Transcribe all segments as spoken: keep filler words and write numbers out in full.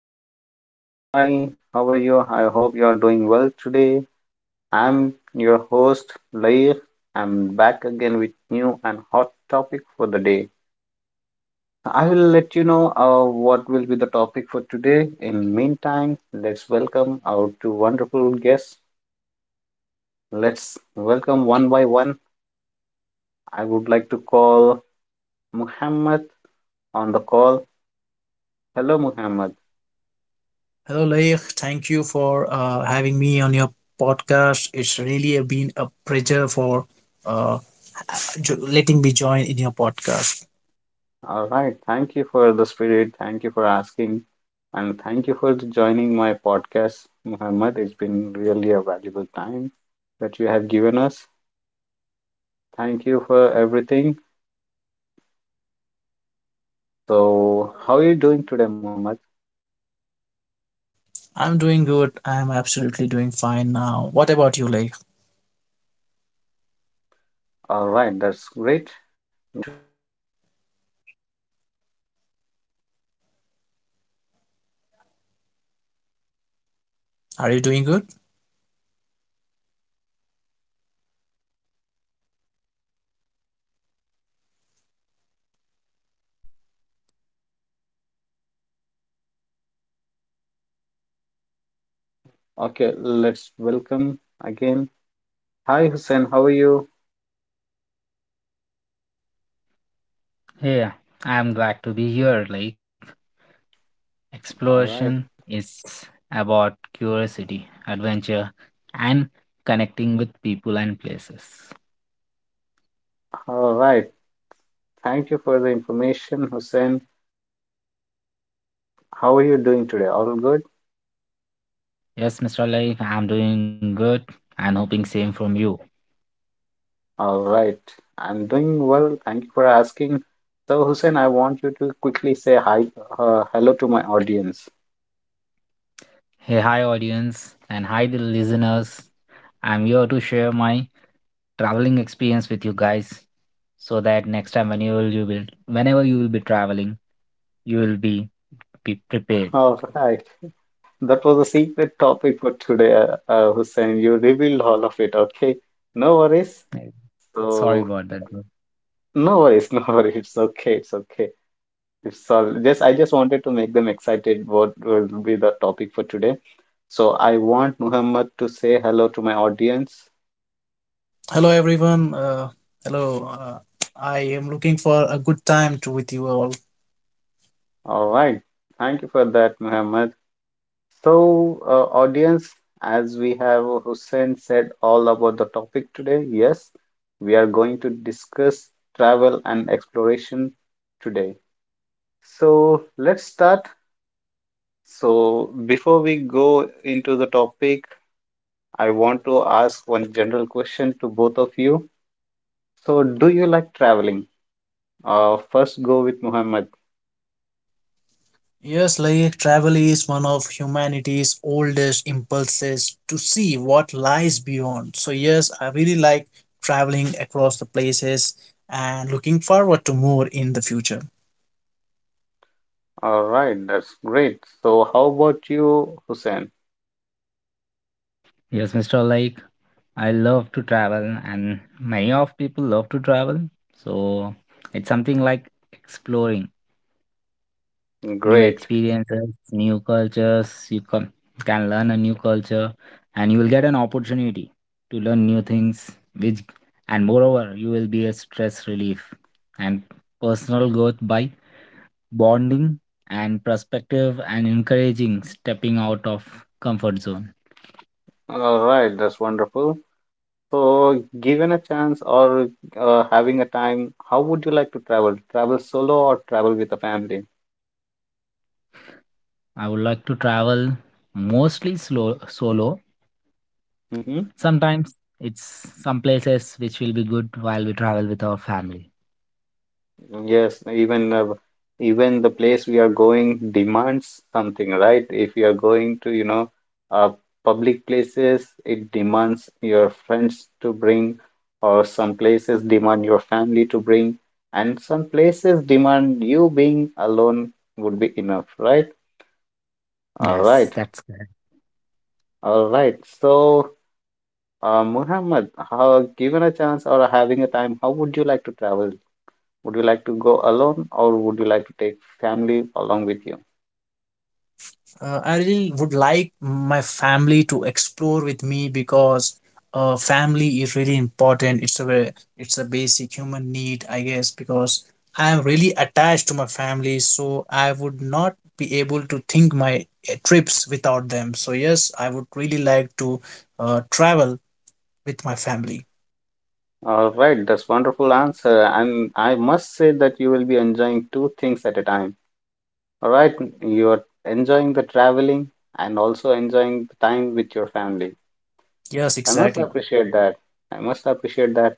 audience. Hi, how are you? I hope you are doing well today. I'm your host, Lair. I'm back again with new and hot topic for the day. I will let you know uh, what will be the topic for today. In meantime, let's welcome our two wonderful guests. Let's welcome one by one. I would like to call Muhammad on the call. Hello, Muhammad. Hello, Laik. Thank you for uh, having me on your podcast. It's really been a pleasure for uh, jo- letting me join in your podcast. All right. Thank you for the spirit. Thank you for asking. And thank you for joining my podcast, Muhammad. It's been really a valuable time that you have given us. Thank you for everything. So, how are you doing today, Muhammad? I'm doing good. I'm absolutely doing fine now. What about you, Laik? All right. That's great. Good to know that you are doing well. So, let's welcome our another guest, Are you doing good? mister Hussein on call. Hi, Hussein. Okay, let's welcome again. Hi, Hussein. How are you? Yeah, I'm glad to be here. Like, All right. exploration is about curiosity, adventure, and connecting with people and places. All right. Thank you for the information, Hussein. How are you doing today? All good? Yes, Mister Like, I'm doing good and hoping same from you. All right. I'm doing well. Thank you for asking. So, Hussein, I want you to quickly say hi, uh, hello to my audience. Hey, hi, audience, and hi, the listeners. I'm here to share my traveling experience with you guys so that next time when you will, you will whenever you will be traveling, you will be, be prepared. All right. That was a secret topic for today, uh, uh, Hussein. You revealed all of it. Okay. No worries. Uh, Sorry So, about that, bro. no worries. No worries. It's okay. It's okay. It's all. Just I just wanted to make them excited. What will be the topic for today? So I want Muhammad to say hello to my audience. Hello, everyone. Uh, hello. Uh, I am looking for a good time to with you all. All right. Thank you for that, Muhammad. So, uh, audience, as we have Hussein said all about the topic today, yes, we are going to discuss travel and exploration today. So, let's start. So, before we go into the topic, I want to ask one general question to both of you. So, do you like traveling? Uh, first, go with Muhammad. Yes, like travel is one of humanity's oldest impulses to see what lies beyond. So, yes, I really like traveling across the places and looking forward to more in the future. All right, that's great. So, how about you, Hussein? Yes, Mister Like, I love to travel, and many of people love to travel. So it's something like exploring new Great. experiences, new cultures. You can, can learn a new culture, and you will get an opportunity to learn new things. Which, and moreover, you will be a stress relief and personal growth by bonding and perspective and encouraging stepping out of comfort zone. All right, that's wonderful. So, given a chance or uh, having a time, how would you like to travel? Travel solo or travel with a family? I would like to travel mostly slow solo. Hmm. Sometimes it's some places which will be good while we travel with our family. Yes, even uh, even the place we are going demands something, right? If you are going to, you know, uh, public places, it demands your friends to bring, or some places demand your family to bring, and some places demand you being alone would be enough, right? All Yes, right. that's correct. All right. So, uh, Muhammad, how, given a chance or having a time, how would you like to travel? Would you like to go alone or would you like to take family along with you? uh, I really would like my family to explore with me because uh, family is really important. It's a ve- it's a basic human need, I guess, because I am really attached to my family, so I would not be able to think my uh, trips without them. So yes, I would really like to uh, travel with my family. All right, that's wonderful answer. And I must say that you will be enjoying two things at a time. All right, you are enjoying the traveling and also enjoying the time with your family. Yes, I must exactly. appreciate that. I must appreciate that.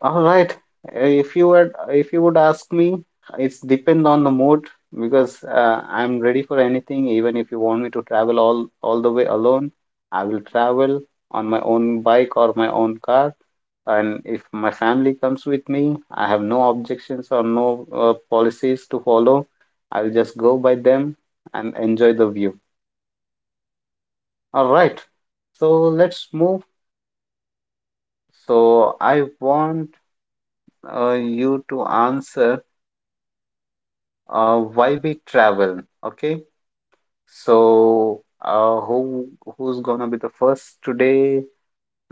All right. If you would, if you would ask me, it's depend on the mood because uh, I'm ready for anything. Even if you want me to travel all all the way alone, I will travel on my own bike or my own car. And if my family comes with me, I have no objections or no uh, policies to follow. I'll just go by them and enjoy the view. All right. So let's move. So I want uh, you to answer uh, why we travel. Okay, so uh, who who's gonna be the first today?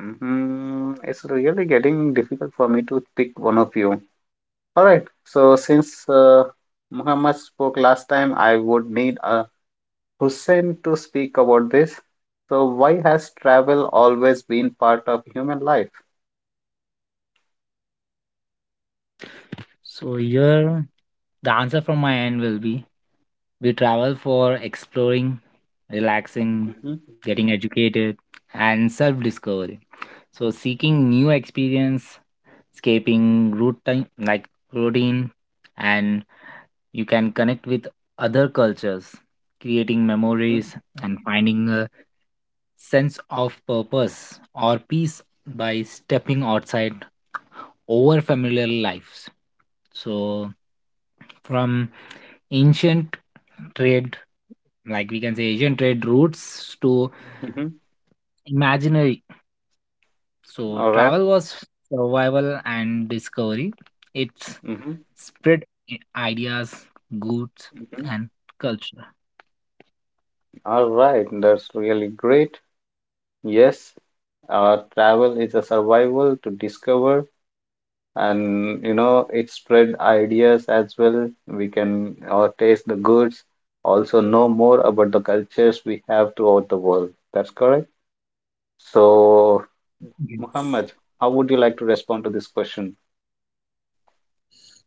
hmm It's really getting difficult for me to pick one of you. All right, so since uh, Muhammad spoke last time, I would need uh, Hussein to speak about this. So why has travel always been part of human life? So here the answer from my end will be we travel for exploring, relaxing, Hmm. getting educated, and self-discovery. So seeking new experience, escaping routine like routine, and you can connect with other cultures, creating Hmm. memories and finding a sense of purpose or peace by stepping outside over familiar lives. So, from ancient trade, like we can say ancient trade routes to Hmm. imaginary. So, All right. travel was survival and discovery. It Mm-hmm. spread i- ideas, goods, Mm-hmm. and culture. All right, that's really great. Yes. Uh, travel is a survival to discover and you know it spread ideas as well. We can uh, taste the goods, also know more about the cultures we have throughout the world. That's correct. So, Yes, Muhammad, how would you like to respond to this question?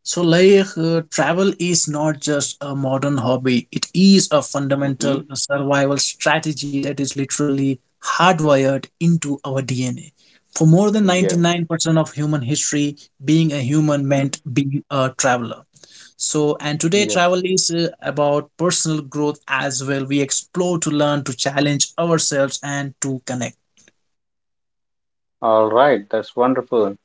So, like, uh, travel is not just a modern hobby, it is a fundamental Hmm. survival strategy that is literally hardwired into our D N A. For more than Yes. ninety-nine percent of human history, being a human meant Mhm. being a traveler. So, and today Yes. travel is uh, about personal growth as well. We explore to learn, to challenge ourselves, and to connect. All right, that's wonderful.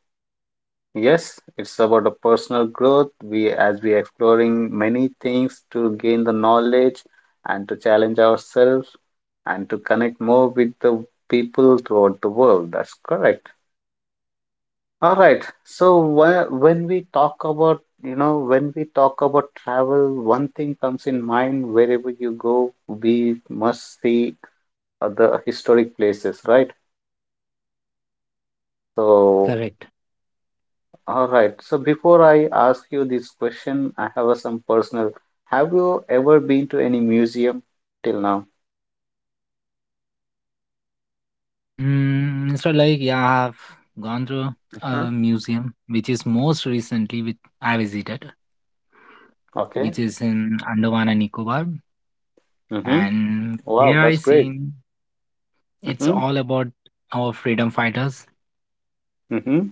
Yes, it's about a personal growth. We as we exploring many things to gain the knowledge and to challenge ourselves and to connect more with the people throughout the world. That's correct. All right. So wh- when we talk about you know when we talk about travel, one thing comes in mind wherever you go, we must see other historic places, right? that's So correct. all right. So before I ask you this question, I have a some personal. Have you ever been to any museum till now? Mm, so, like, yeah, I've gone through Hmm. a museum, which is most recently which I visited, Okay. which is in Andaman and Nicobar, Hmm. and Wow, there that's I great. seen it's Hmm. all about our freedom fighters. Hmm.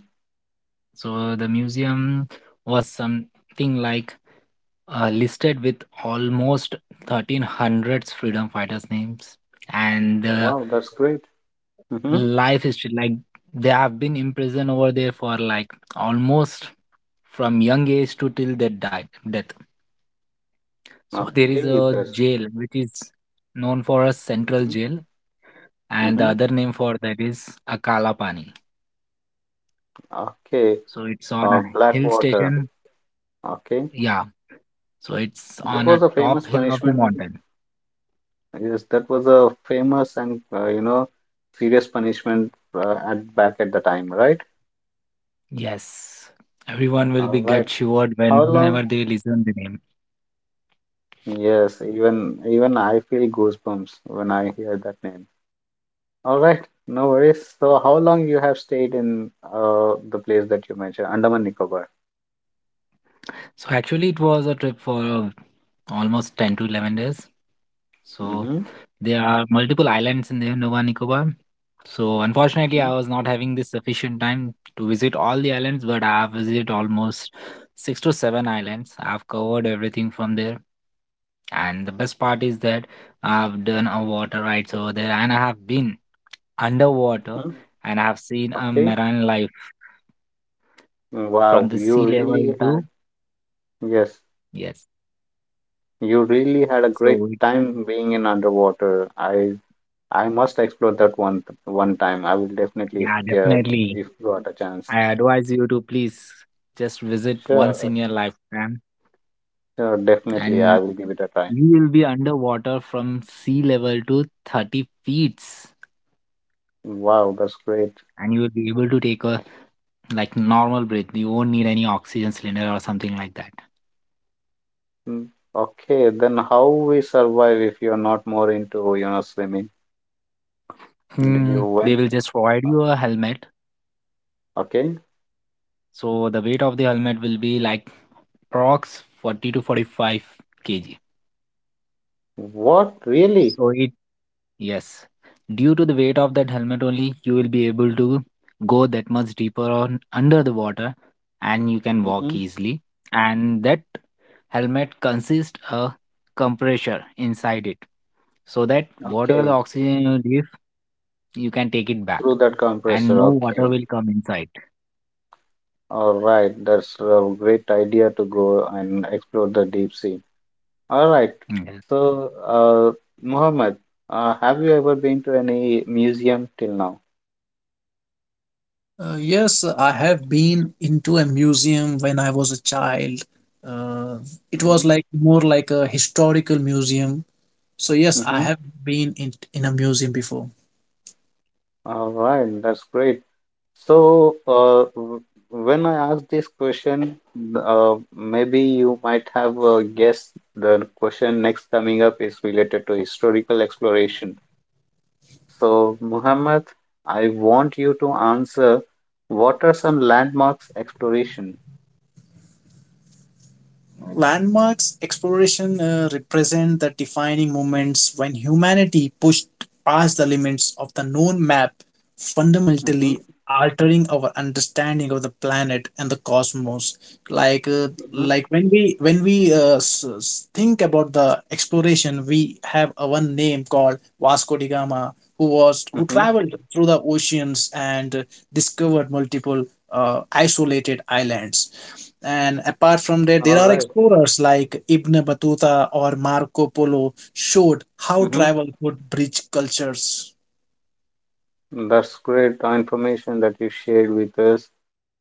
So the museum was something like uh, listed with almost thirteen hundreds freedom fighters names, and the Wow, that's great. Hmm. life history, like they have been imprisoned over there for like almost from young age to till their die, death. So there is Okay, a that's. jail which is known for a central Mm-hmm. jail, and the Mm-hmm. other name for that is akala pani. Okay. So it's on Uh, a hill Blackwater. station. Okay. Yeah, so it's That on a was a famous top hill of the punishment. mountain. Yes, that was a famous and uh, you know serious punishment uh, at back at the time, right? Yes, everyone will All be get right. shivered How long? whenever they listen the name. Yes, even even I feel goosebumps when I hear that name. All right, no worries. So, how long you have stayed in uh the place that you mentioned, Andaman Nicobar? So actually it was a trip for almost ten to eleven days. So Mm-hmm. there are multiple islands in the Nova Nicobar. So unfortunately, I Mm-hmm. was not having the sufficient time to visit all the islands, but I have visited almost six to seven islands. I've covered everything from there. And the best part is that I've done a water rides over there and I have been underwater, Mm-hmm. and I have seen a Okay. marine life from Wow, the you sea level really to, had yes, yes. you really had a great So it- time being in underwater. I I must explore that one one time. I will definitely if yeah, get definitely. if got a chance. I advise you to please just visit once Sure, in your lifetime, sure, definitely I and will give it a try. you will be underwater from sea level to thirty feet, Wow, that's great. and you will be able to take a like normal breath. You won't need any oxygen cylinder or something like that. Mm, okay, then how we survive if you're not more into, you know, swimming? Did you Hmm, they will went? just provide uh, you a helmet. Okay. So the weight of the helmet will be like prox forty to forty-five kg. What really? So it, yes, due to the weight of that helmet only you will be able to go that much deeper on under the water, and you can walk Hmm. easily. And that helmet consists a compressor inside it, so that whatever the Okay, oxygen you leave, you can take it back through that and compressor. no water Okay. will come inside. All right, that's a great idea to go and explore the deep sea. All right. Mm. So, uh, Mohammed, uh, have you ever been to any museum till now? Uh, yes, I have been into a museum when I was a child. Uh, it was Mm-hmm. like more like a historical museum. So yes, I Mm-hmm. have been in in a museum before. All right, that's great. So, uh, w- when I asked this question, uh, maybe you might have uh, guessed the question next coming up is related to historical exploration. So, Muhammad, I want you to answer what are some landmarks exploration? Landmarks exploration uh, represent the defining moments when humanity pushed past the limits of the known map, Mm-hmm, fundamentally altering our understanding of the planet and the cosmos. Like, uh, mm-hmm, like when we when we uh, s- s- think about the exploration, we have a one name called Vasco da Gama, who was who mm-hmm. traveled through the oceans and uh, discovered multiple uh, isolated islands and apart from that, there All are right. explorers like Ibn Battuta or Marco Polo showed how Mm-hmm. travel could bridge cultures. That's great uh, information that you shared with us.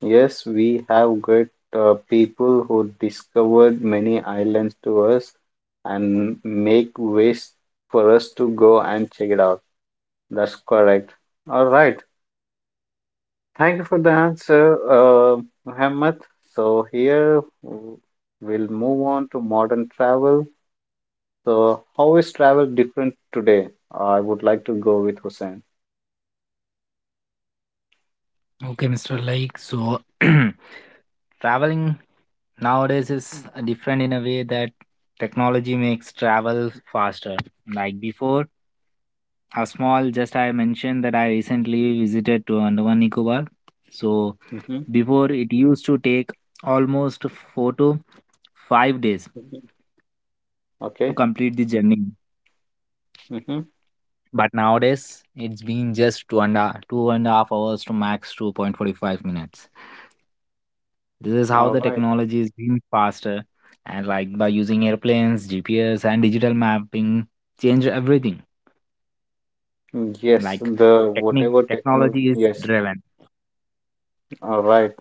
Yes, we have got uh, people who discovered many islands to us and make ways for us to go and check it out. That's correct. All right. Thank you for the answer, uh, Muhammad. So here w- we'll move on to modern travel. So how is travel different today? I would like to go with Hussein. Okay, Mr. Like, so traveling nowadays is different in a way that technology makes travel faster. Like before, a small, just I mentioned that I recently visited to Andaman Nicobar. So Mm-hmm. before it used to take almost four to five days to Okay. complete the journey. Mm-hmm. But nowadays, it's been just two and a, two and a half hours to max two point four five minutes. This is how All the right. technology is being faster, and like by using airplanes, G P S, and digital mapping, change everything. Yes, Like the technique, whatever technology. technology is Yes. driven. All right.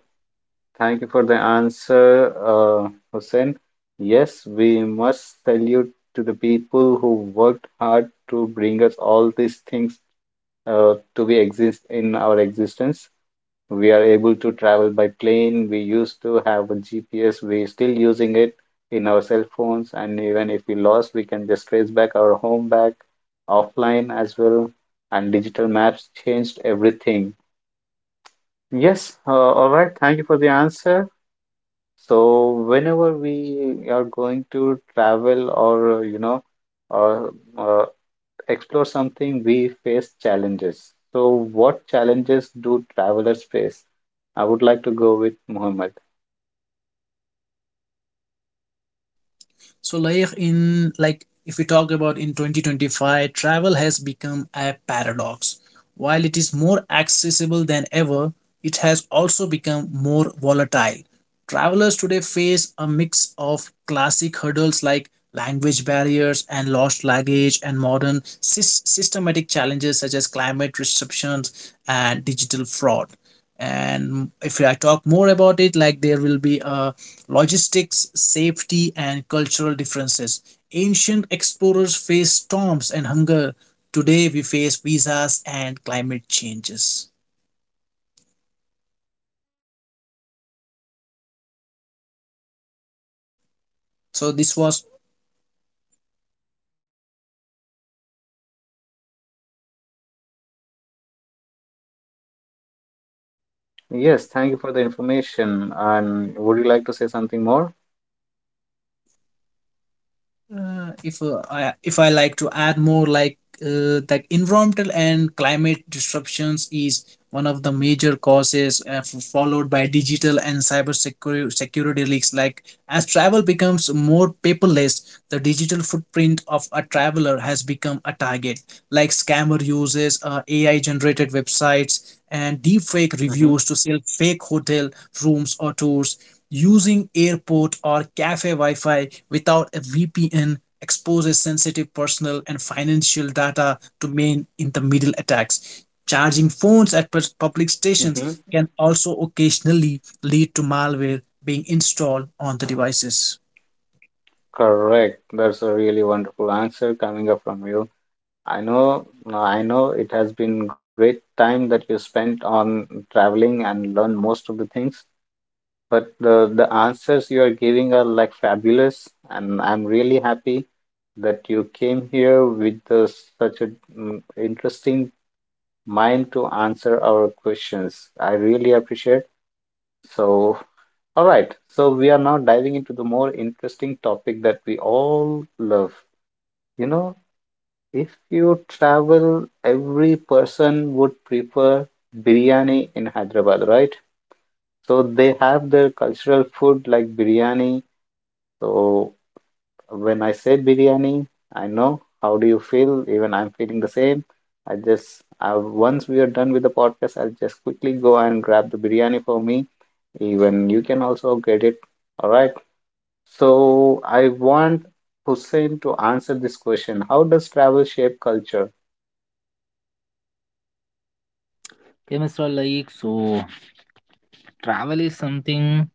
Thank you for the answer, uh, Hussein. Yes, we must salute to the people who worked hard to bring us all these things uh, to be exist in our existence. We are able to travel by plane. We used to have a G P S. We're still using it in our cell phones, and even if we lost, we can just trace back our home back offline as well. And digital maps changed everything. Yes, uh, all right. Thank you for the answer. So whenever we are going to travel or uh, you know or uh, explore something, we face challenges. So what challenges do travelers face? I would like to go with Mohammed. So, like in like if we talk about in twenty twenty-five, travel has become a paradox. While it is more accessible than ever, it has also become more volatile. Travelers today face a mix of classic hurdles like language barriers and lost luggage and modern sys- systematic challenges such as climate restrictions and digital fraud, and if I talk more about it, like there will be a logistics, safety, and cultural differences. Ancient explorers faced storms and hunger. Today we face visas and climate changes. So, this was. Yes, thank you for the information. And would you like to say something more? Uh, if uh, I if I like to add more, like uh, that environmental and climate disruptions is one of the major causes, uh, f- followed by digital and cyber secu- security leaks. Like as travel becomes more paperless, the digital footprint of a traveler has become a target. Like scammer uses uh, A I generated websites and deepfake Mm-hmm. reviews to sell fake hotel rooms or tours using airport or cafe Wi-Fi without a V P N exposes sensitive personal and financial data to main in the middle attacks. Charging phones at pers- public Mm-hmm. stations can also occasionally lead to malware being installed on the devices. Correct. That's a really wonderful answer coming up from you. I know, no, I know it has been great time that you spent on traveling and learn most of the things. But the, the answers you are giving are like fabulous, and I'm really happy that you came here with the, such an interesting mind to answer our questions. I really appreciate. So, all right. So we are now diving into the more interesting topic that we all love. You know, if you travel, every person would prefer biryani in Hyderabad, right? So they have their cultural food like biryani. So when I say biryani, I know how do you feel. Even I'm feeling the same. I just I, once we are done with the podcast, I'll just quickly go and grab the biryani for me. Even you can also get it. All right. So I want Hussein to answer this question. How does travel shape culture? Okay, Mister Laik, so travel is something.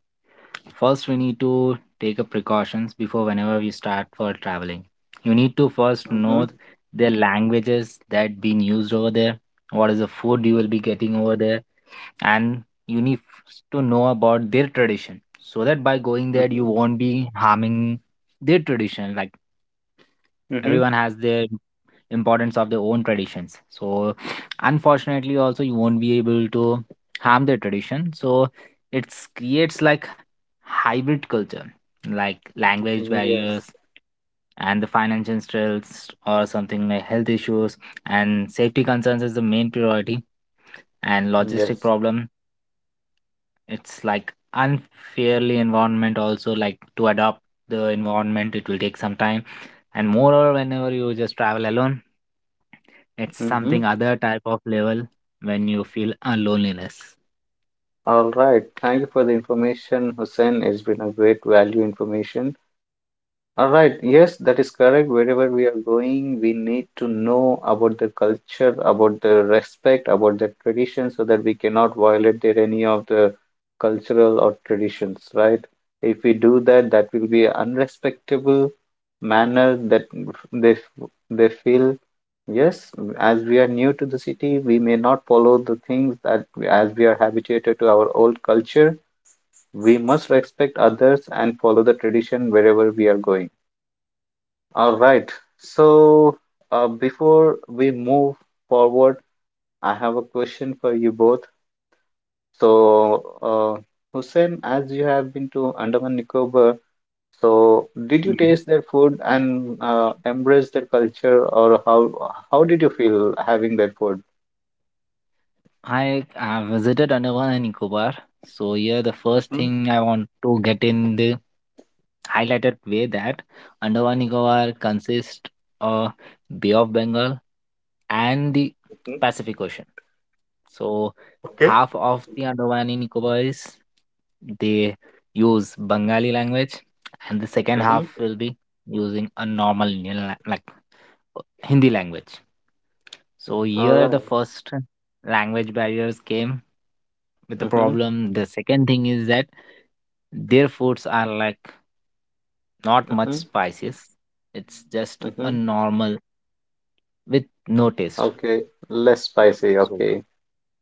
First, we need to take up precautions before whenever we start for traveling. You need to first Mm-hmm. know the languages that being used over there, what is the food you will be getting over there, and you need f- to know about their tradition, so that by going there Mm-hmm. you won't be harming their tradition. Like Mm-hmm. everyone has their importance of their own traditions, so unfortunately also you won't be able to harm their tradition. So it creates like hybrid culture, like language Yes. barriers and the financial stress or something like health issues, and safety concerns is the main priority and logistic Yes. problem. It's like unfairly environment also, like to adopt the environment it will take some time. And moreover, whenever you just travel alone, it's Mm-hmm. something other type of level, when you feel a loneliness. All right. Thank you for the information, Hussein. It's been a great value information. All right, yes, that is correct. Wherever we are going, we need to know about the culture, about the respect, about the tradition, so that we cannot violate there any of the cultural or traditions, right? If we do that, that will be an unrespectable manner that they they feel. Yes, as we are new to the city, we may not follow the things that we- as we are habituated to our old culture. We must respect others and follow the tradition wherever we are going. All right. So, uh, before we move forward, I have a question for you both. So, uh, Hussein, as you have been to Andaman Nicobar, so did you Yeah, taste their food and uh, embrace their culture, or how how did you feel having that food? I uh, visited Andaman and Nicobar. So here the first Mhm. thing I want to get in the highlighted way, that Andaman Nicobar consists of Bay of Bengal and the Mhm. Pacific Ocean. So Okay. half of the Andaman and Nicobar is, they use Bengali language, and the second half Mm-hmm. will be using a normal Indian la- like Hindi language. So All here the right. first language barriers came with the Mm-hmm. problem. The second thing is that their foods are like not much Mm-hmm. spices. It's just a Mm-hmm. normal with no taste. Okay. Less spicy. So Okay.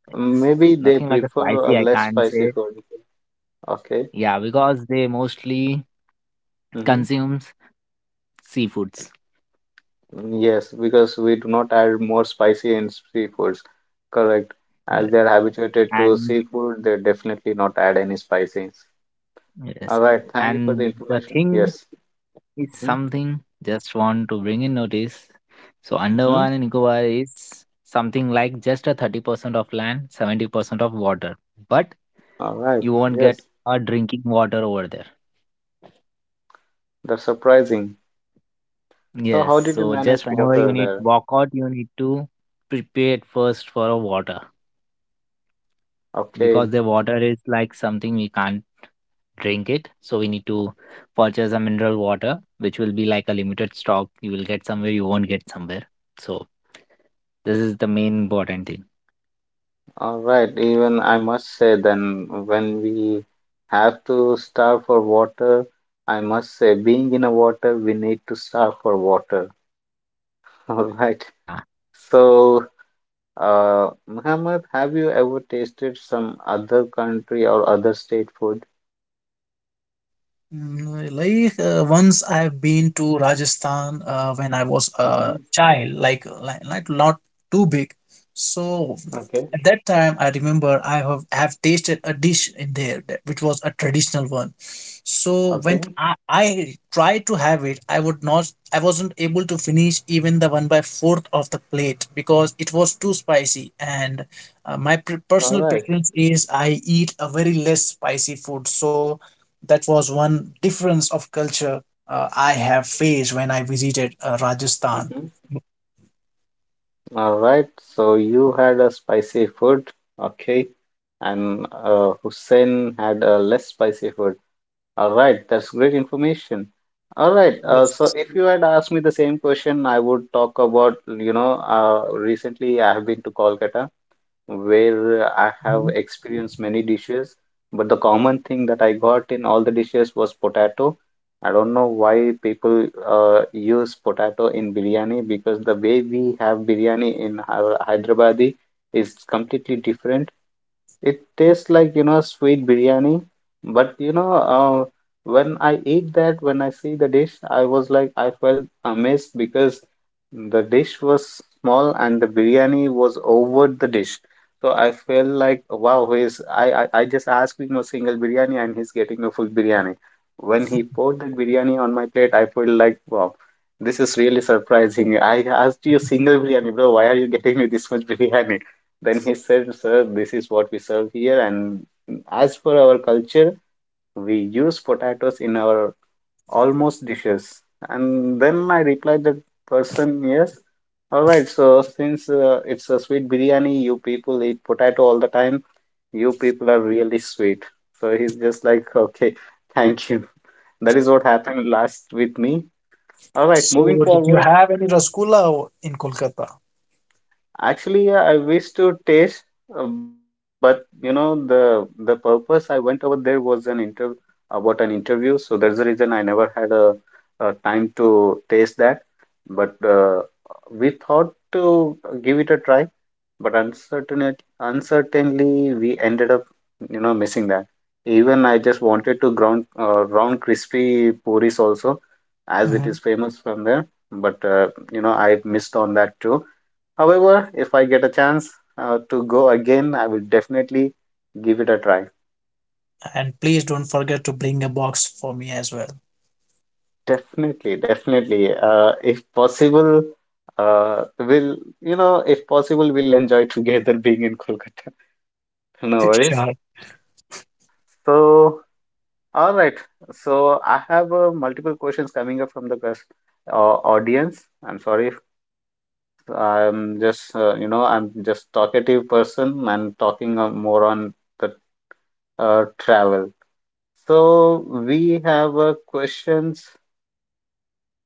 it's Maybe they nothing like a prefer a spicy, I less can't spicy say. food. Okay. Yeah, because they mostly Mm-hmm. consumes seafoods. Mm, yes, because we do not add more spicy in seafoods. Correct. Yeah. As they are habituated to And seafood, they definitely not add any spices. All yes, right. Thank you for the and the information. thing Yes. is Mm-hmm. something just want to bring in notice. So Mm-hmm. Andaman and Nicobar is something like just a thirty percent of land, seventy percent of water. But All right. you won't get Yes. a drinking water over there. That's surprising. So Yes, how did you so just manage whenever you water need there? walk out, you need to prepare first for a water, Okay. because the water is like something we can't drink it. So we need to purchase a mineral water, which will be like a limited stock. You will get somewhere, you won't get somewhere. So this is the main important thing. All right. Even I must say then when we have to starve for water, I must say being in a water, we need to starve for water. All right. Yeah, So Uh, Muhammad, have you ever tasted some other country or other state food? Mm, Like uh, once I've been to Rajasthan uh, when I was a Hmm. child, like, like like not too big. So Okay, at that time, I remember I have have tasted a dish in there that, which was a traditional one. So when okay, I, I tried to have it, I would not, I wasn't able to finish even the one by fourth of the plate because it was too spicy. And uh, my pre- all personal right. preference is I eat a very less spicy food. So that was one difference of culture uh, I have faced when I visited uh, Rajasthan. Mm-hmm. All right, so you had a spicy food, okay, and uh, Hussein had a less spicy food. All right, that's great information. All right, uh, so Yes. if you had asked me the same question, I would talk about, you know, uh, recently I have been to Kolkata, where I have Mhm. experienced many dishes, but the common thing that I got in all the dishes was potato. I don't know why people uh, use potato in biryani, because the way we have biryani in Hy- Hyderabadi is completely different. It tastes like, you know, sweet biryani. But, you know, uh, when I eat that, when I see the dish, I was like, I felt amazed because the dish was small and the biryani was over the dish. So I felt like, wow, he's, I, I, I just asked him a single biryani and he's getting a full biryani. When he poured that biryani on my plate, I felt like, wow, this is really surprising. I asked you a single biryani, bro. Why are you getting me this much biryani? Then he said, Sir, this is what we serve here. And as per our culture, we use potatoes in our almost dishes. And then I replied that person, yes, all right. So since uh, it's a sweet biryani, you people eat potato all the time. You people are really sweet. So he's just like, okay, thank you. That is what happened last with me. All right, So, moving did you forward. have any rasgulla o- in Kolkata? Actually, yeah, I wish to taste, uh, but you know the the purpose I went over there was an interview about an interview, so that's the reason I never had a, a time to taste that. But uh, we thought to give it a try, but uncertainly, uncertainly we ended up, you know, missing that. Even I just wanted to ground uh, round crispy puris also, as it Mhm. is famous from there. But uh, you know, I missed on that too. However, if I get a chance uh, to go again, I will definitely give it a try. And please don't forget to bring a box for me as well. Definitely, definitely. Uh, if possible, uh, we'll, you know, if possible, we'll enjoy together being in Kolkata. No worries. Sure. So, all right. So, I have uh, multiple questions coming up from the cus- uh, audience. I'm sorry. I'm just, uh, you know, I'm just talkative person and talking uh, more on the uh, travel. So we have uh, questions,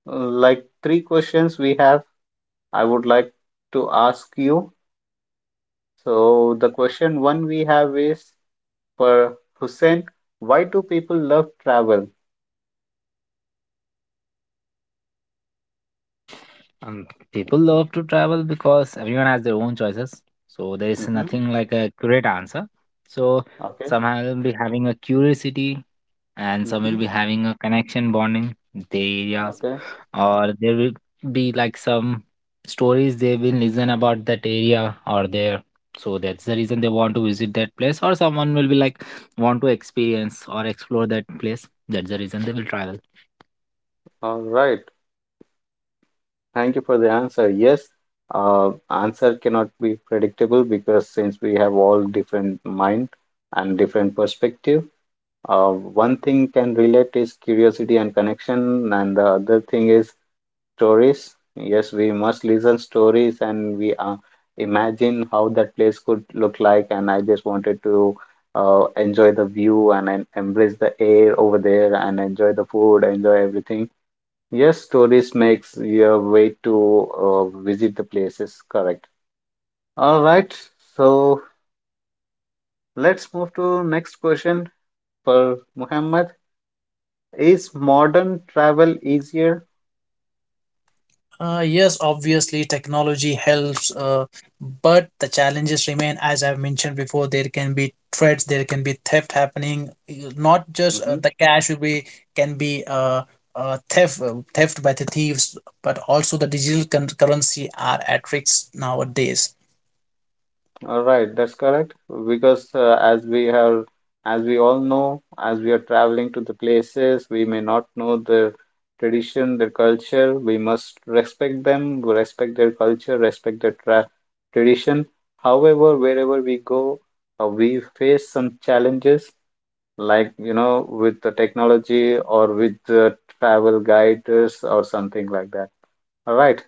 uh, like three questions we have. I would like to ask you. So the question one we have is for Hussein, why do people love travel? um, People love to travel because everyone has their own choices. So there is Hmm. nothing like a accurate answer. So Okay. somehow I'll be having a curiosity, and some Hmm. will be having a connection bonding with their areas, Okay. or there will be like some stories they will listen about that area or there. So that's the reason they want to visit that place, or someone will be like want to experience or explore that place. That's the reason they will travel. All right. Thank you for the answer. Yes, uh, answer cannot be predictable because since we have all different mind and different perspective. Uh, one thing can relate is curiosity and connection, and the other thing is stories. Yes, we must listen stories, and we uh, imagine how that place could look like. And I just wanted to uh, enjoy the view, and, and embrace the air over there, and enjoy the food, enjoy everything. Yes, stories makes your way to uh, visit the places. Correct. All right. So let's move to next question for Muhammad. Is modern travel easier? Uh, yes, obviously, technology helps, uh, but the challenges remain. As I've mentioned before, there can be threats, there can be theft happening. You- Not just uh, Mm-hmm. the cash will be can be uh, uh, theft uh, theft by the thieves, but also the digital con- currency are at risk nowadays. All right, that's correct. Because uh, as we have, as we all know, as we are traveling to the places, we may not know their tradition, their culture. We must respect them, we respect their culture, respect their tra tradition. However, wherever we go, uh, we face some challenges, like you know, with the technology or with the travel guides or something like that. All right.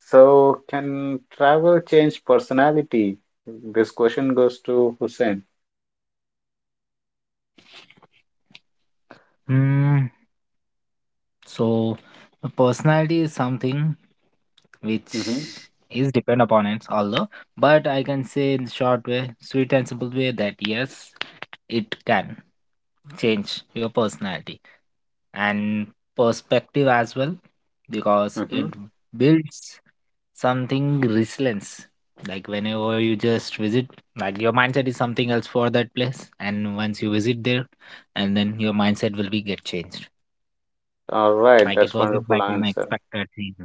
So, can travel change personality? This question goes to Hussein. Hmm. so the personality is something which Mm-hmm. is depend upon it although, but I can say in short way, sweet and simple way, that yes, it can change your personality and perspective as well, because Mm-hmm. it builds something resilience. Like whenever you just visit, like your mindset is something else for that place, and once you visit there, and then your mindset will be get changed. All right, Like it that's wasn't wonderful like an answer. expected thing.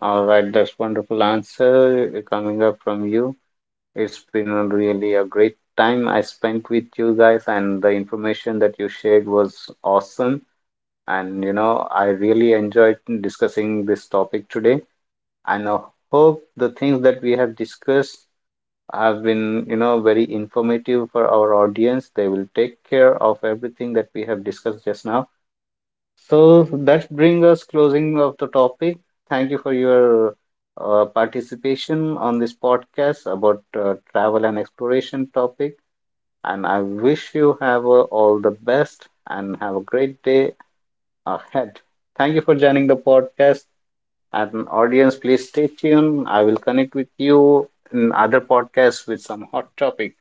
All right, that's wonderful answer coming up from you. It's been a really a great time I spent with you guys, and the information that you shared was awesome. And you know, I really enjoyed discussing this topic today. And I hope the things that we have discussed have been, you know, very informative for our audience. They will take care of everything that we have discussed just now. So that brings us closing of the topic. Thank you for your uh, participation on this podcast about uh, travel and exploration topic. And I wish you have uh, all the best and have a great day ahead. Thank you for joining the podcast. And audience, please stay tuned. I will connect with you in other podcasts with some hot topic.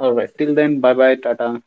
All right. Till then, bye bye, Tata.